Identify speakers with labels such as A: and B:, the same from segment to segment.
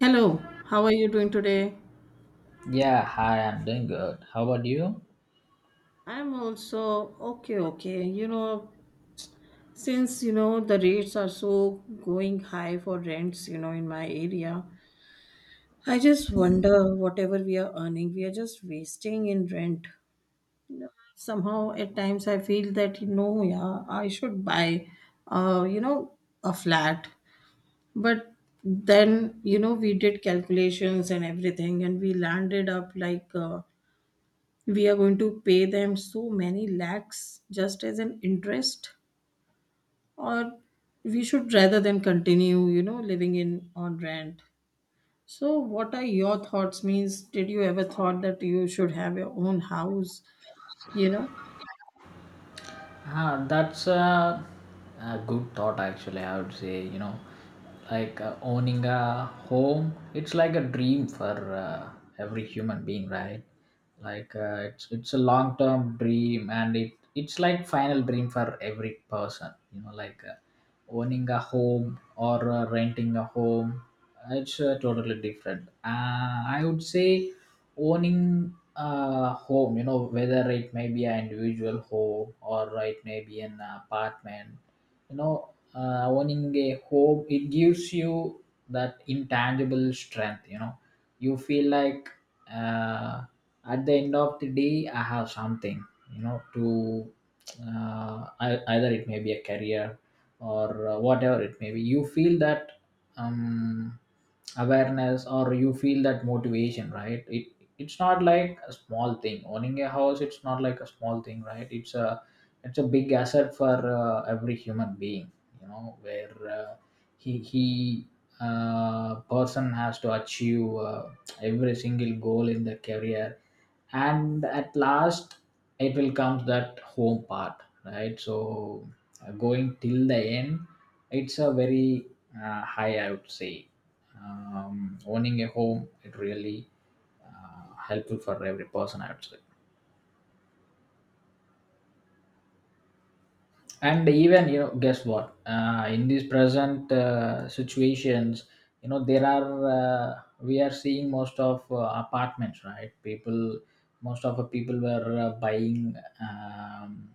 A: Hello, how are you doing today?
B: Yeah, hi, I'm doing good. How about you?
A: I'm also okay, okay. Since the rates are so going high for rents, in my area, I just wonder whatever we are earning, we are just wasting in rent. Somehow, at times, I feel that yeah, I should buy, uh, you know, a flat, but then we did calculations and everything, and we landed up like. We are going to pay them so many lakhs just as an interest, or we should rather than continue living in on rent. So what are your thoughts, means, did you ever thought that you should have your own house you know
B: That's a good thought, actually. I would say, you know, owning a home, it's like a dream for every human being, right? It's a long term dream, and it's like final dream for every person. You know, owning a home or renting a home, it's totally different. I would say owning a home, you know, whether it may be an individual home or it may be an apartment. you know Owning a home, it gives you that intangible strength, you know. You feel like, uh, at the end of the day I have something, you know, to, either it may be a career or whatever it may be, you feel that um, awareness, or you feel that motivation, right? It's not like a small thing, owning a house. It's not like a small thing, right? It's a big asset for every human being, you know, where he person has to achieve every single goal in the career, and at last, it will come, that home part, right? So going till the end, it's a very high, I would say. Owning a home, it really helpful for every person, I would say. And even, you know, guess what, in these present situations, you know, there are we are seeing most of apartments, right? People, most of the people were buying, um,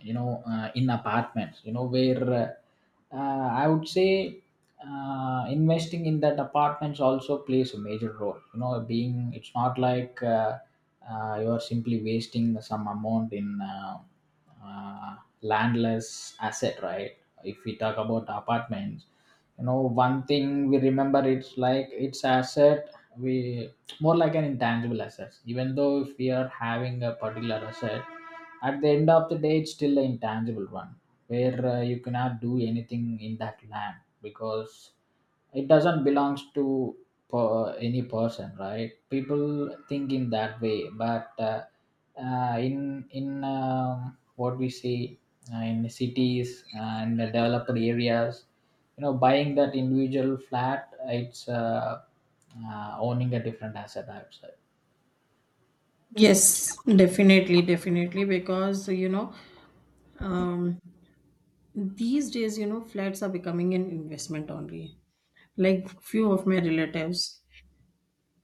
B: in apartments, you know, where I would say investing in that apartments also plays a major role, you know, being it's not like you are simply wasting some amount in uh, landless asset, right? If we talk about apartments, you know, one thing we remember, it's like it's asset. We More like an intangible asset, even though if we are having a particular asset, at the end of the day it's still an intangible one, where you cannot do anything in that land, because it doesn't belongs to any person. Right, people think in that way, but in what we see in the cities and the developed areas, you know, buying that individual flat, it's owning a different asset, I'd say.
A: yes, definitely, definitely. Because um these days, flats are becoming an investment only. Like, few of my relatives,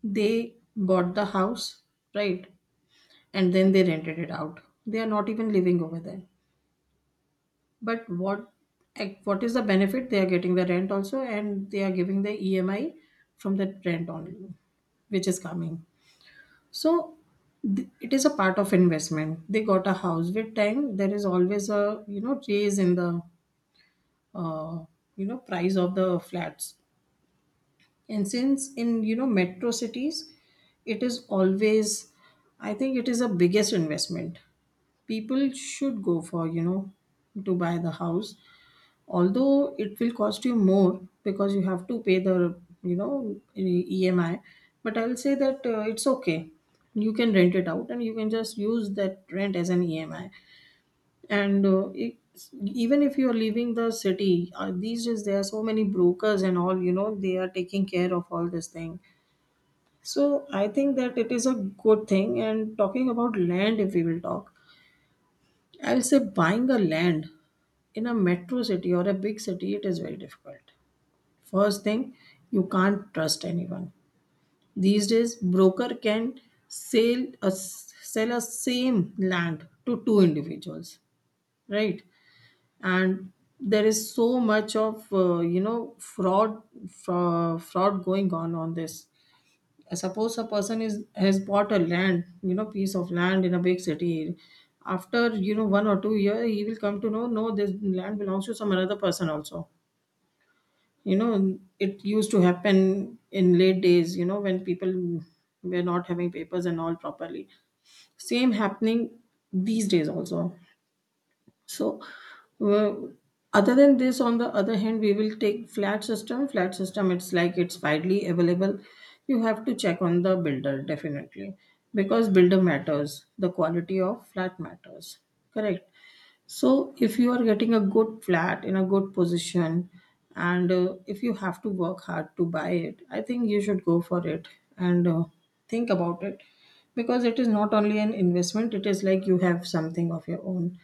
A: they bought the house, right? And then they rented it out. They are not even living over there. But what, what is the benefit? They are getting the rent also, and they are giving the EMI from that rent only, which is coming. So it is a part of investment. They got a house with time. There is always a raise in the uh, price of the flats, and since in metro cities, it is always, I think, it is a biggest investment people should go for, to buy the house. Although it will cost you more because you have to pay the EMI, but I will say that it's okay. You can rent it out and you can just use that rent as an EMI. And even if you're leaving the city, these days there are so many brokers and all, they are taking care of all this thing. So I think that it is a good thing. And talking about land, if we will talk, I'll say buying a land in a metro city or a big city, it is very difficult. First thing, you can't trust anyone. These days, broker can sell a same land to two individuals, right? And there is so much of fraud, fraud going on this. Suppose a person is has bought a land, piece of land in a big city. After 1 or 2 year, he will come to know, no, this land belongs to some another person also, you know it used to happen in late days, when people were not having papers and all properly. Same happening these days also. So, uh, other than this, on the other hand, we will take flat system. Flat system, it's like, it's widely available. You have to check on the builder, definitely, because builder matters. The quality of flat matters. Correct. So, if you are getting a good flat in a good position, and if you have to work hard to buy it, I think you should go for it and think about it, because it is not only an investment, it is like you have something of your own.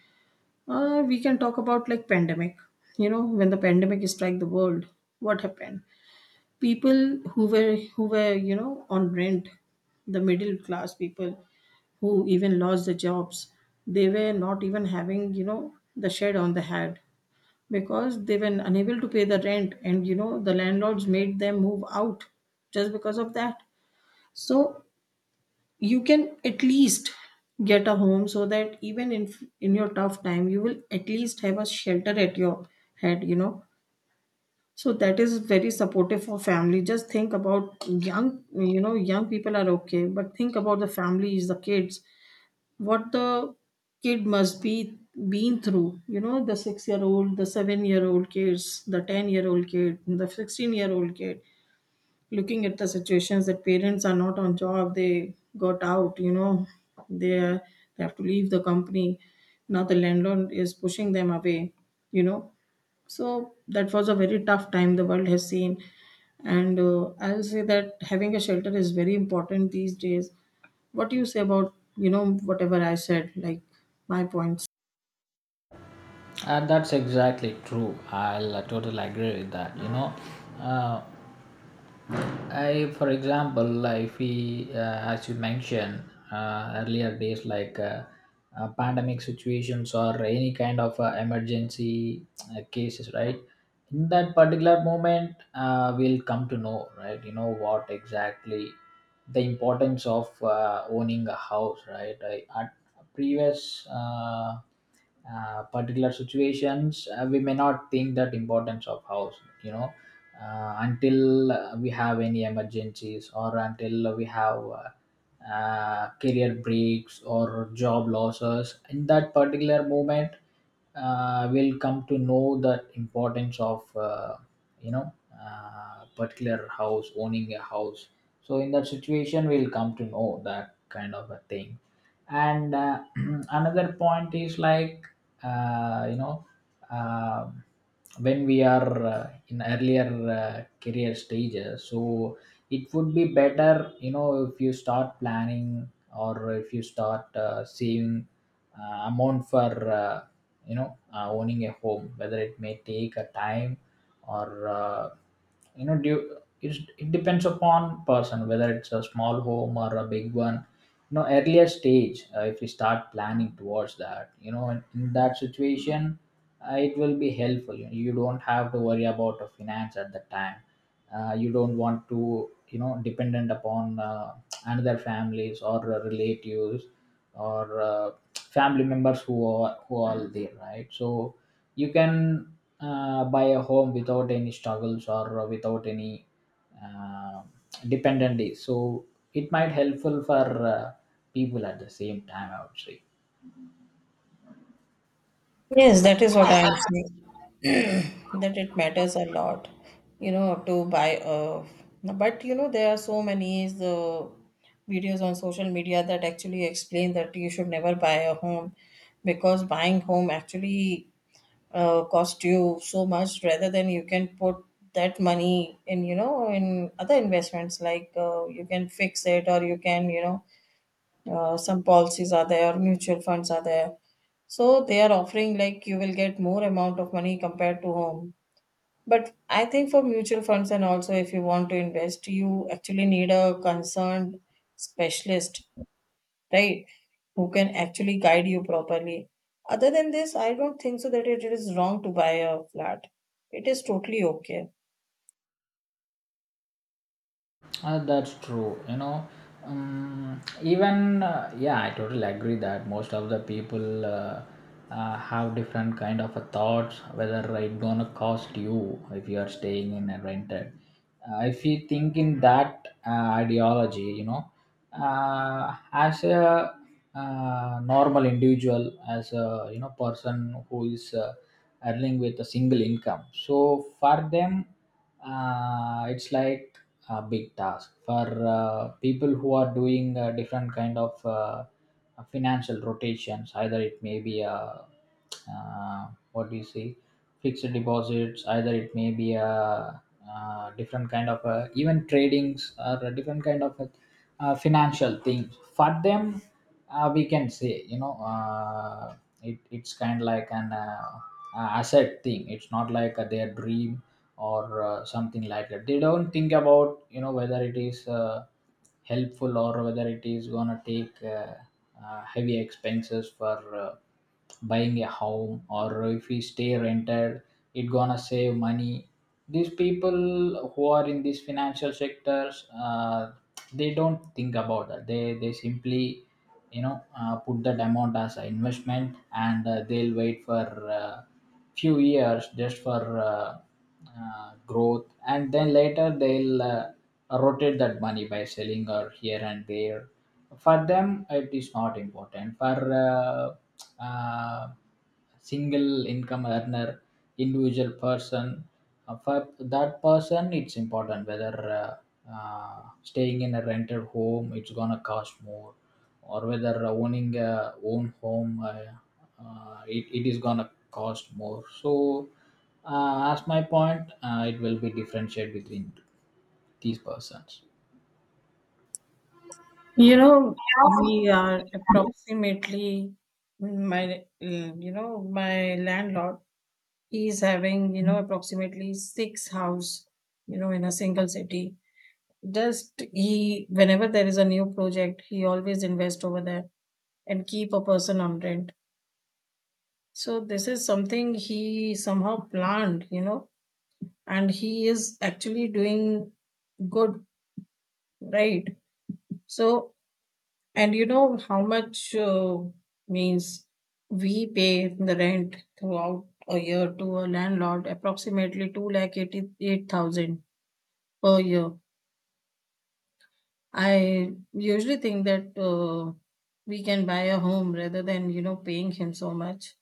A: We can talk about, like, pandemic. You know, when the pandemic struck the world, what happened? People who were on rent, the middle class people who even lost the jobs, they were not even having the shed on the head, because they were unable to pay the rent, and the landlords made them move out just because of that. So you can at least get a home so that even in your tough time, you will at least have a shelter at your head. So that is very supportive for family. Just think about young, young people are okay, but think about the families, the kids. What the kid must be been through, the 6-year old, the 7-year-old kids, the 10-year-old kid, the 16-year-old kid, looking at the situations that parents are not on job, they got out, they are, they have to leave the company, now the landlord is pushing them away, you know so that was a very tough time the world has seen. And I'll say that having a shelter is very important these days. What do you say about, whatever I said, like, my points?
B: And that's exactly true. I'll totally agree with that, you know. uh, I, for example, like we, as you mentioned, earlier days, pandemic situations, or any kind of emergency cases, right? In that particular moment, we'll come to know, right? You know what exactly the importance of owning a house, right? I, at previous particular situations, we may not think that importance of house, you know, until we have any emergencies, or until we have career breaks or job losses. In that particular moment, will come to know the importance of, you know particular house, owning a house. So in that situation we'll come to know that kind of a thing. And another point is like, uh, you know uh, when we are in earlier career stages, so it would be better, you know, if you start planning, or if you start saving amount for, owning a home, whether it may take a time, or it depends upon person whether it's a small home or a big one, you know. Earlier stage, if we start planning towards that, you know, in that situation, it will be helpful. You know, you don't have to worry about a finance at the time. You don't want to, you know, dependent upon, another families, or relatives, or family members, who are there, right? So you can buy a home without any struggles, or without any uh, dependencies. So it might helpful for uh, people at the same time, I would say.
A: Yes, that is what I am saying. That it matters a lot, to buy, but there are so many the videos on social media that actually explain that you should never buy a home, because buying home actually cost you so much, rather than you can put that money in, in other investments, like, you can fix it, or you can, some policies are there, mutual funds are there. So they are offering, like, you will get more amount of money compared to home. But I think, for mutual funds and also, if you want to invest, you actually need a concerned specialist, right? Who can actually guide you properly. Other than this, I don't think so that it is wrong to buy a flat. It is totally okay.
B: That's true. You know, even yeah, I totally agree that most of the people have different kind of a thoughts whether it gonna cost you if you are staying in a rented. If you think in that ideology, you know, as a normal individual, as a, you know, person who is earning with a single income, so for them, it's like a big task for people who are doing different kind of financial rotations, either it may be a what do you say, fixed deposits, either it may be a different kind of even tradings, or a different kind of financial things. For them, we can say, you know, it's kind of like an asset thing. It's not like their dream, or something like that. They don't think about, you know, whether it is helpful, or whether it is gonna take heavy expenses for uh, buying a home, or if we stay rented, it gonna save money. These people who are in these financial sectors, they don't think about that. They simply, you know, put that amount as an investment, and they'll wait for uh, few years just for uh, growth, and then later they'll rotate that money by selling, or here and there. For them, it is not important. For uh, uh, single income earner, individual person, for that person it's important whether uh, staying in a rented home, it's gonna cost more, or whether owning a own home, it is gonna cost more. So as my point, it will be differentiated between these persons.
A: You know, we are approximately my my landlord is having, approximately six house, in a single city. Just he, whenever there is a new project, he always invest over there and keep a person on rent. So this is something he somehow planned, and he is actually doing good, right? So, and you know how much, means, we pay the rent throughout a year to a landlord, approximately 2 lakh 88,000 per year. I usually think that we can buy a home rather than, paying him so much,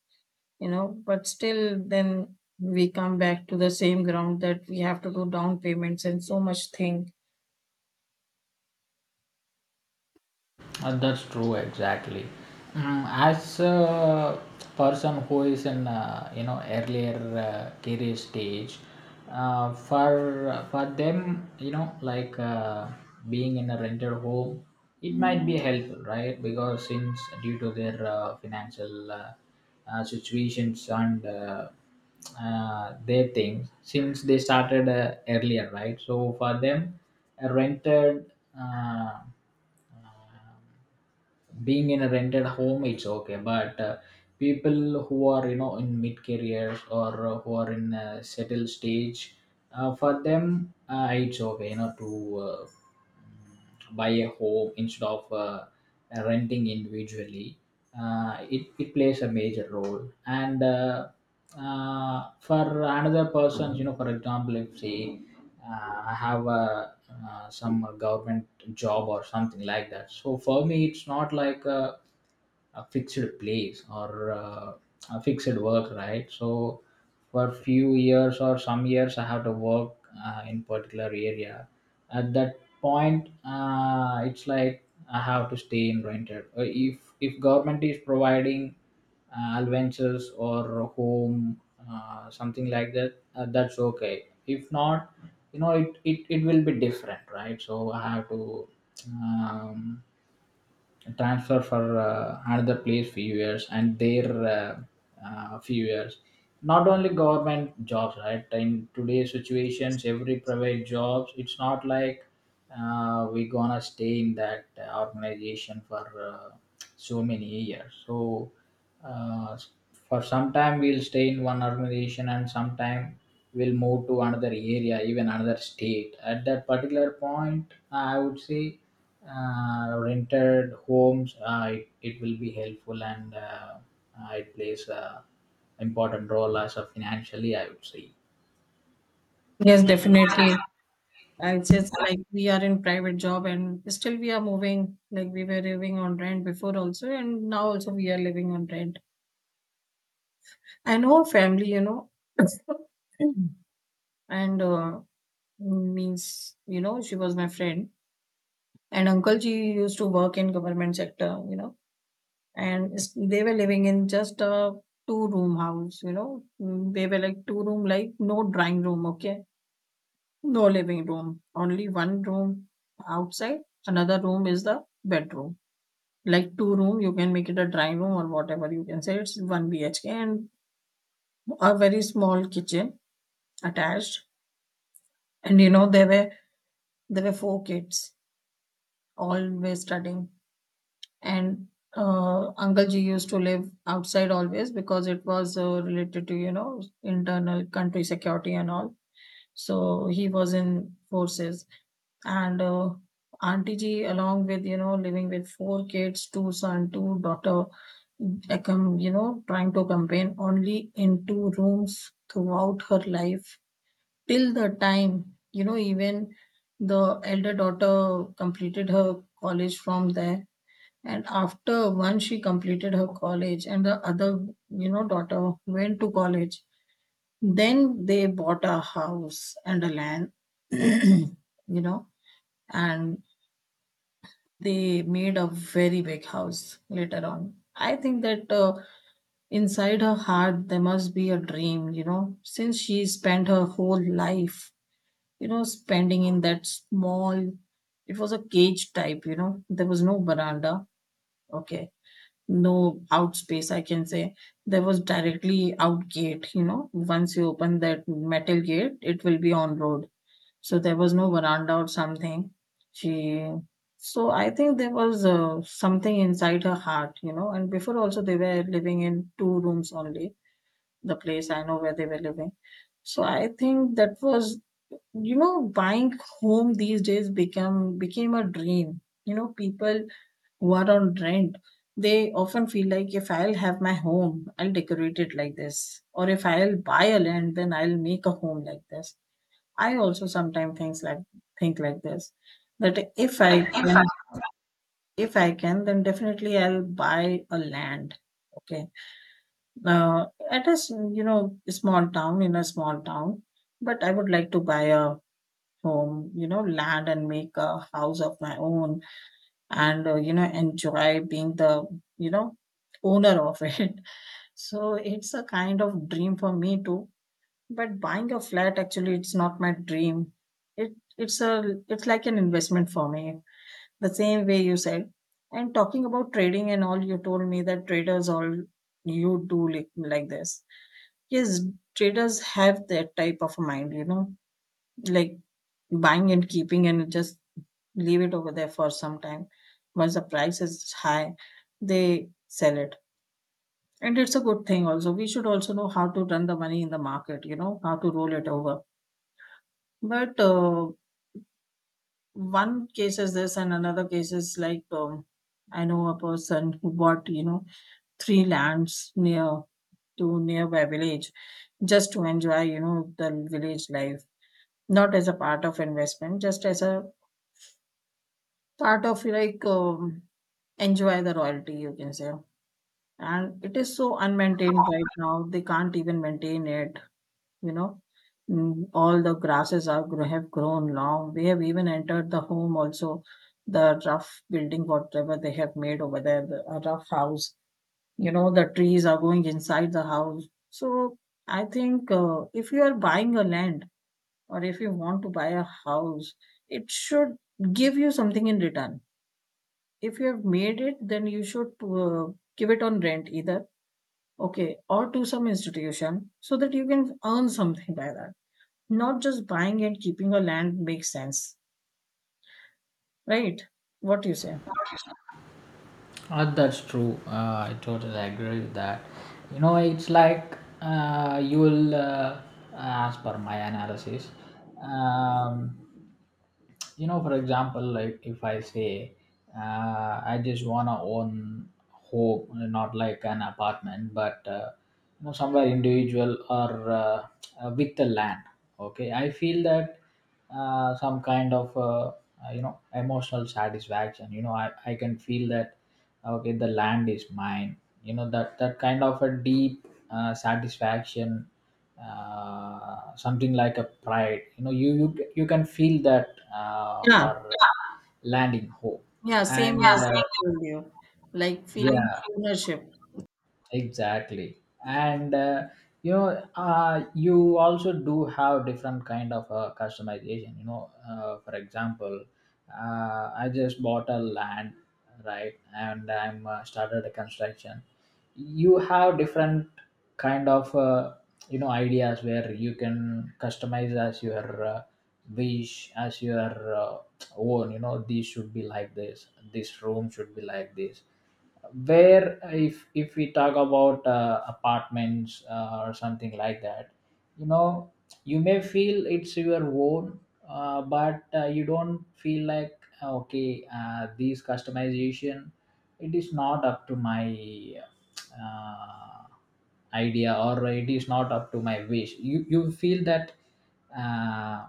A: you know, but still then we come back to the same ground that we have to do down payments and so much thing.
B: That's true, exactly. Mm, as a person who is in, you know, earlier career stage, for them, you know, being in a rented home, it might be helpful, right? Because since due to their financial situations, and their things, since they started earlier, right? So for them, a rented being in a rented home, it's okay. But people who are, you know, in mid careers, or who are in a settled stage, for them, it's okay, you know, to buy a home instead of renting individually. It plays a major role. And for another person, you know, for example, if say I have a some government job or something like that, so for me it's not like a fixed place, or a fixed work, right? So for few years or some years I have to work in particular area. At that point, it's like I have to stay in rented. If government is providing adventures, or home, something like that, that's okay. If not, you know, it it will be different, right? So I have to um, transfer for another place few years, and there, few years. Not only government jobs, right? In today's situations, every private jobs, it's not like we gonna stay in that organization for so many years. So uh, for some time we'll stay in one organization, and sometime we'll move to another area, even another state. At that particular point I would say rented homes, it will be helpful, and it plays a important role as a financially, I would say.
A: Yes, definitely. I just, like, we are in private job and still we are moving, like, we were living on rent before also, and now also we are living on rent. And her family, and means, she was my friend, and uncle ji used to work in government sector. And they were living in just a two room house. They were like two room, like no drawing room, okay, no living room, only one room outside. Another room is the bedroom. Like two room, you can make it a drawing room or whatever, you can say it's 1 BHK and a very small kitchen attached. And there were four kids always studying. And uncle ji used to live outside always, because it was related to internal country security and all, so he was in forces. And auntie ji, along with living with four kids, two son two daughter. I come, trying to campaign only in two rooms throughout her life, till the time even the elder daughter completed her college from there. And after one, she completed her college, and the other, daughter went to college. Then they bought a house and a land, you know, and they made a very big house later on. I think that inside her heart, there must be a dream, since she spent her whole life, spending in that small, it was a cage type, there was no veranda. Okay. No out space, I can say. There was directly out gate, once you open that metal gate, it will be on road. So there was no veranda or something, she. So I think there was something inside her heart, and before also they were living in two rooms only, the place I know where they were living. So I think that was, buying home these days become became a dream, people, what, on rent? They often feel like, if I'll have my home, I'll decorate it like this. Or if I'll buy a land, then I'll make a home like this. I also sometimes things like think like this. That, if I can, then definitely I'll buy a land. Okay. Uh, at a small town, in a small town, but I would like to buy a home, you know, land and make a house of my own and enjoy being the, you know, owner of it. So it's a kind of dream for me too, but buying a flat, actually, it's not my dream. It it's a it's like an investment for me, the same way you said. And talking about trading and all, you told me that traders, all you do like this. Yes, traders have that type of mind, you know, like buying and keeping and just leave it over there for some time. Once the price is high, they sell it. And it's a good thing also. We should also know how to run the money in the market, you know, how to roll it over. But one case is this, and another case is like, I know a person who bought, you know, three lands near to, nearby village, just to enjoy, you know, the village life, not as a part of investment, just as a part of like, enjoy the royalty, you can say. And it is so unmaintained right now, they can't even maintain it, you know. Mm, all the have grown long. They have even entered the home also, the rough building whatever they have made over there, the a rough house, you know, the trees are going inside the house. So I think, if you are buying a land or if you want to buy a house, it should give you something in return. If you have made it, then you should, give it on rent either, okay, or to some institution so that you can earn something by that. Not just buying and keeping a land makes sense, right? What do you say?
B: That's true. I totally agree with that. You know, it's like, as per my analysis, um, you know, for example, like if I say, I just wanna own home, not like an apartment, but you know, somewhere individual, or with the land. Okay, I feel that some kind of you know, emotional satisfaction. You know, I can feel that okay, the land is mine, you know, that kind of a deep satisfaction, something like a pride, you know, you can feel that
A: Yeah.
B: for landing home.
A: Yeah, same
B: And
A: as I told you, like feeling
B: Yeah,
A: ownership.
B: exactly. and You know, you also do have different kind of customization, you know, for example, I just bought a land, right, and I'm started a construction. You have different kind of you know, ideas where you can customize as your wish, as your own. You know, this should be like this room should be like this. Where if we talk about apartments or something like that, you know, you may feel it's your own, but you don't feel like okay, these customization, it is not up to my uh, idea, or it is not up to my wish. You feel that uh,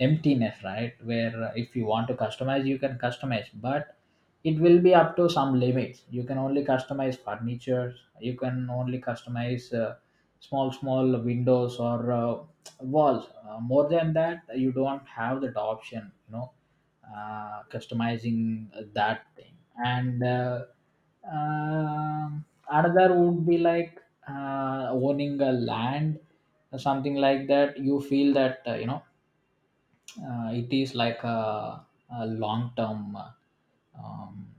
B: emptiness, right, where if you want to customize you can customize, but it will be up to some limits. You can only customize furniture, you can only customize small small windows or walls. More than that you don't have that option, you know, customizing that thing. And um Another would be like owning a land or something like that. You feel that you know, it is like a long term, um,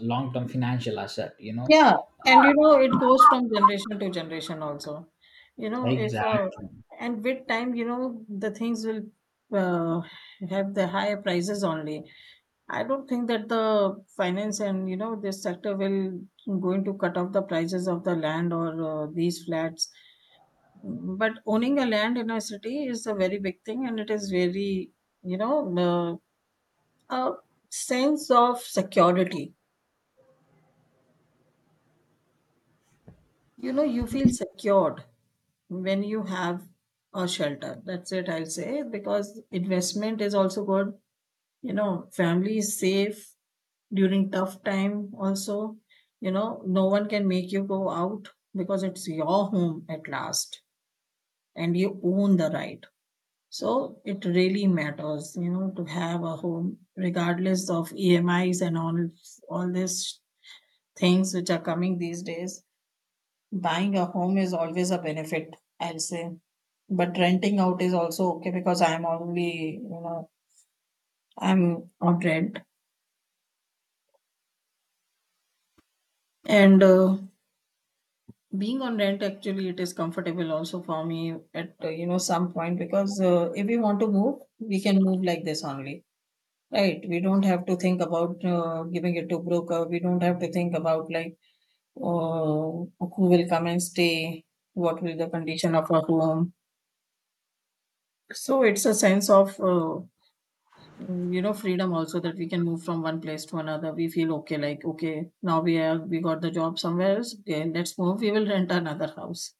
B: long term financial asset, you know.
A: Yeah, and you know, it goes from generation to generation also. You know, if
B: Exactly.
A: and with time, you know, the things will, uh, have the higher prices only. I don't think that the finance and, you know, this sector will going to cut off the prices of the land or, these flats. But owning a land in a city is a very big thing, and it is very, you know, a sense of security. You know, you feel secured when you have a shelter. That's it, I'll say, because investment is also good. You know, family is safe during tough time also, you know. No one can make you go out because it's your home at last and you own the right. So it really matters, you know, to have a home regardless of emis and all these things which are coming these days. Buying a home is always a benefit, I'll say. But renting out is also okay because I'm only, you know, I'm on rent. And being on rent, actually, it is comfortable also for me at, you know, some point, because if we want to move, we can move like this only, right? We don't have to think about, giving it to broker. We don't have to think about like, uh, who will come and stay, what will the condition of our home. So it's a sense of, you know, freedom also, that we can move from one place to another. We feel okay, like, okay, now we have, we got the job somewhere else, okay, let's move, we will rent another house.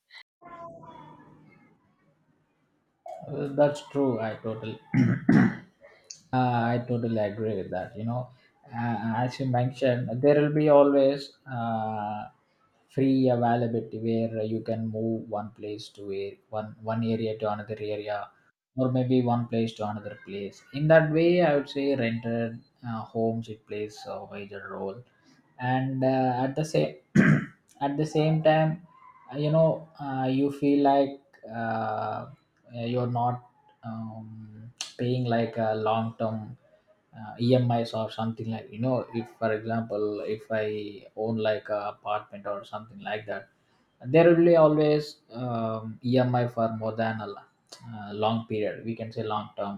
B: That's true, I totally I totally agree with that. You know, as you mentioned, there will be always free availability where you can move one place to one area to another area, or maybe one place to another place. In that way, I would say rented homes, it plays a major role. And At the same at the same time, you know, you feel like uh, you're not um, paying like a long term emis or something like, you know, if for example, if I own like a apartment or something like that, there will be always emi for more than a long period, we can say long term,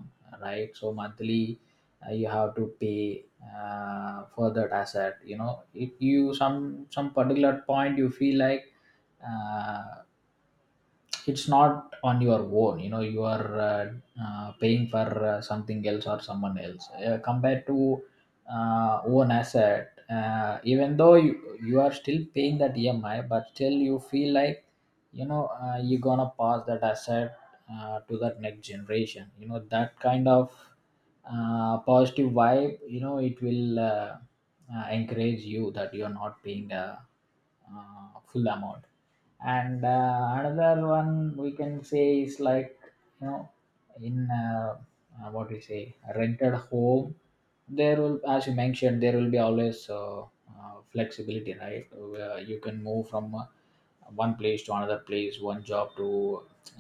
B: right. So monthly you have to pay for that asset. You know, if you, some particular point, you feel like uh, it's not on your own. You know, you are paying for something else or someone else compared to own asset. Even though you are still paying that EMI, but still you feel like, you know, you're gonna pass that asset to that next generation. You know, that kind of positive vibe. You know, it will encourage you that you're not paying the uh, full amount. And Another one we can say is like, you know, in what we say a rented home, there will, as you mentioned, there will be always flexibility, right, where you can move from one place to another place, one job to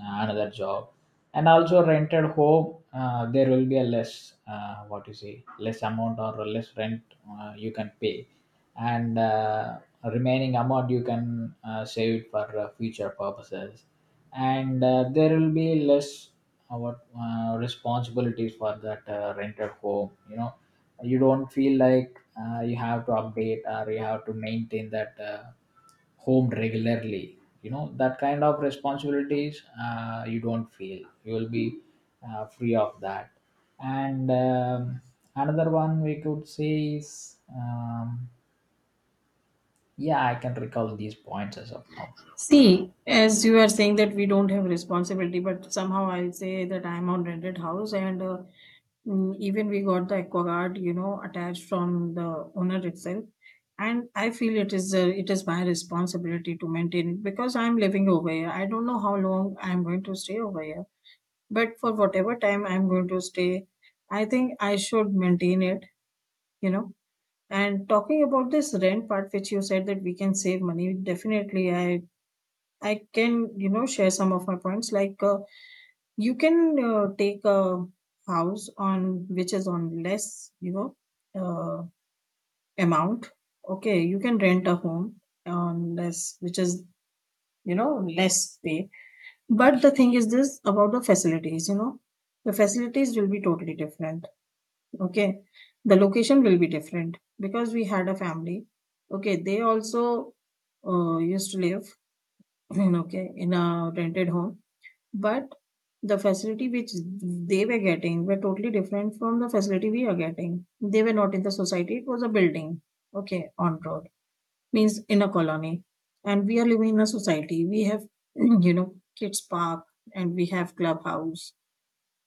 B: another job. And also rented home, there will be a less what you say, less amount or less rent you can pay, and remaining amount you can save it for future purposes. And There will be less what responsibilities for that rented home, you know. You don't feel like you have to update or you have to maintain that home regularly. You know, that kind of responsibilities you don't feel, you will be free of that. And Another one we could say is yeah, I can recall these points as of now.
A: See, as you are saying that we don't have responsibility, but somehow I say that I am on rented house, and even we got the aqua guard, you know, attached from the owner itself, and I feel it is, it is my responsibility to maintain it because I am living over here. I don't know how long I am going to stay over here, but for whatever time I am going to stay, I think I should maintain it, you know. And talking about this rent part, which you said that we can save money, definitely I can, you know, share some of my points. You can, take a house on, which is on less, you know, uh, amount. Okay, you can rent a home on less, which is, you know, less pay. But the thing is this about the facilities. You know, the facilities will be totally different. Okay, the location will be different because we had a family. Okay, they also, used to live, okay, in a rented home, but the facility which they were getting were totally different from the facility we are getting. They were not in the society, it was a building, okay, on road, means in a colony. And we are living in a society. We have, you know, kids park and we have clubhouse.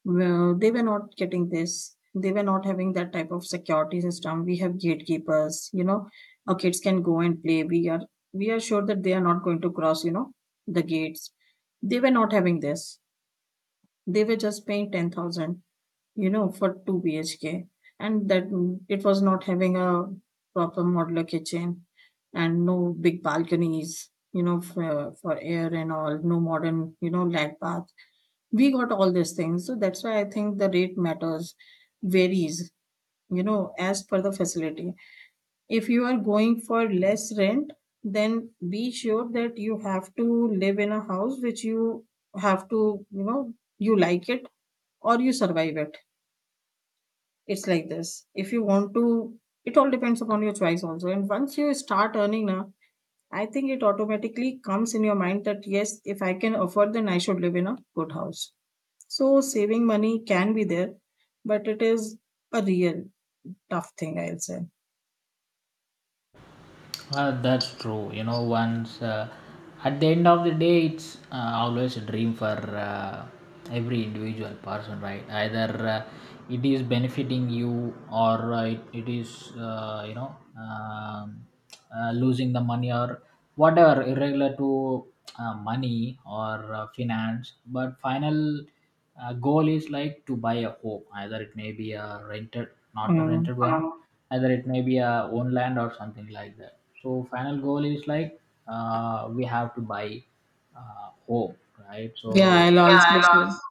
A: Well, they were not getting this. They were not having that type of security system. We have gatekeepers, you know, our kids can go and play. We are sure that they are not going to cross, you know, the gates. They were not having this. They were just paying 10,000, you know, for 2 BHK. And that, mm, it was not having a proper modular kitchen and no big balconies, you know, for air and all, no modern, you know, lag bath. We got all these things. So that's why I think the rate matters, varies, you know, as per the facility. If you are going for less rent, then be sure that you have to live in a house which you have to, you know, you like it or you survive it. It's like this. If you want to, it all depends upon your choice also. And once you start earning now, I think it automatically comes in your mind that yes, if I can afford, then I should live in a good house. So saving money can be there, but it is a real tough thing, I'll say.
B: That's true. You know, once at the end of the day, it's always a dream for every individual person, right? Either it is benefiting you, or it is, you know, losing the money, or whatever, irregular to money or finance. But final goal is like to buy a home. Either it may be a rented, not a
A: Mm.
B: rented one, either it may be a own land or something like that. So final goal is like we have to buy home, right?
A: Yeah,
B: So
A: I'll
B: yeah,
A: also
B: I
A: say.
B: lost.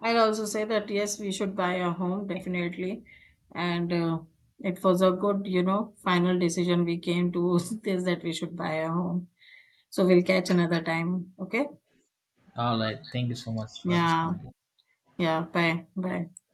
A: I'll also say that yes, we should buy a home definitely, and it was a good, you know, final decision we came to, this, that we should buy a home. So we'll catch another time. Okay?
B: All right, thank you so much for this
A: Yeah,
B: conversation.
A: yeah. Bye, bye.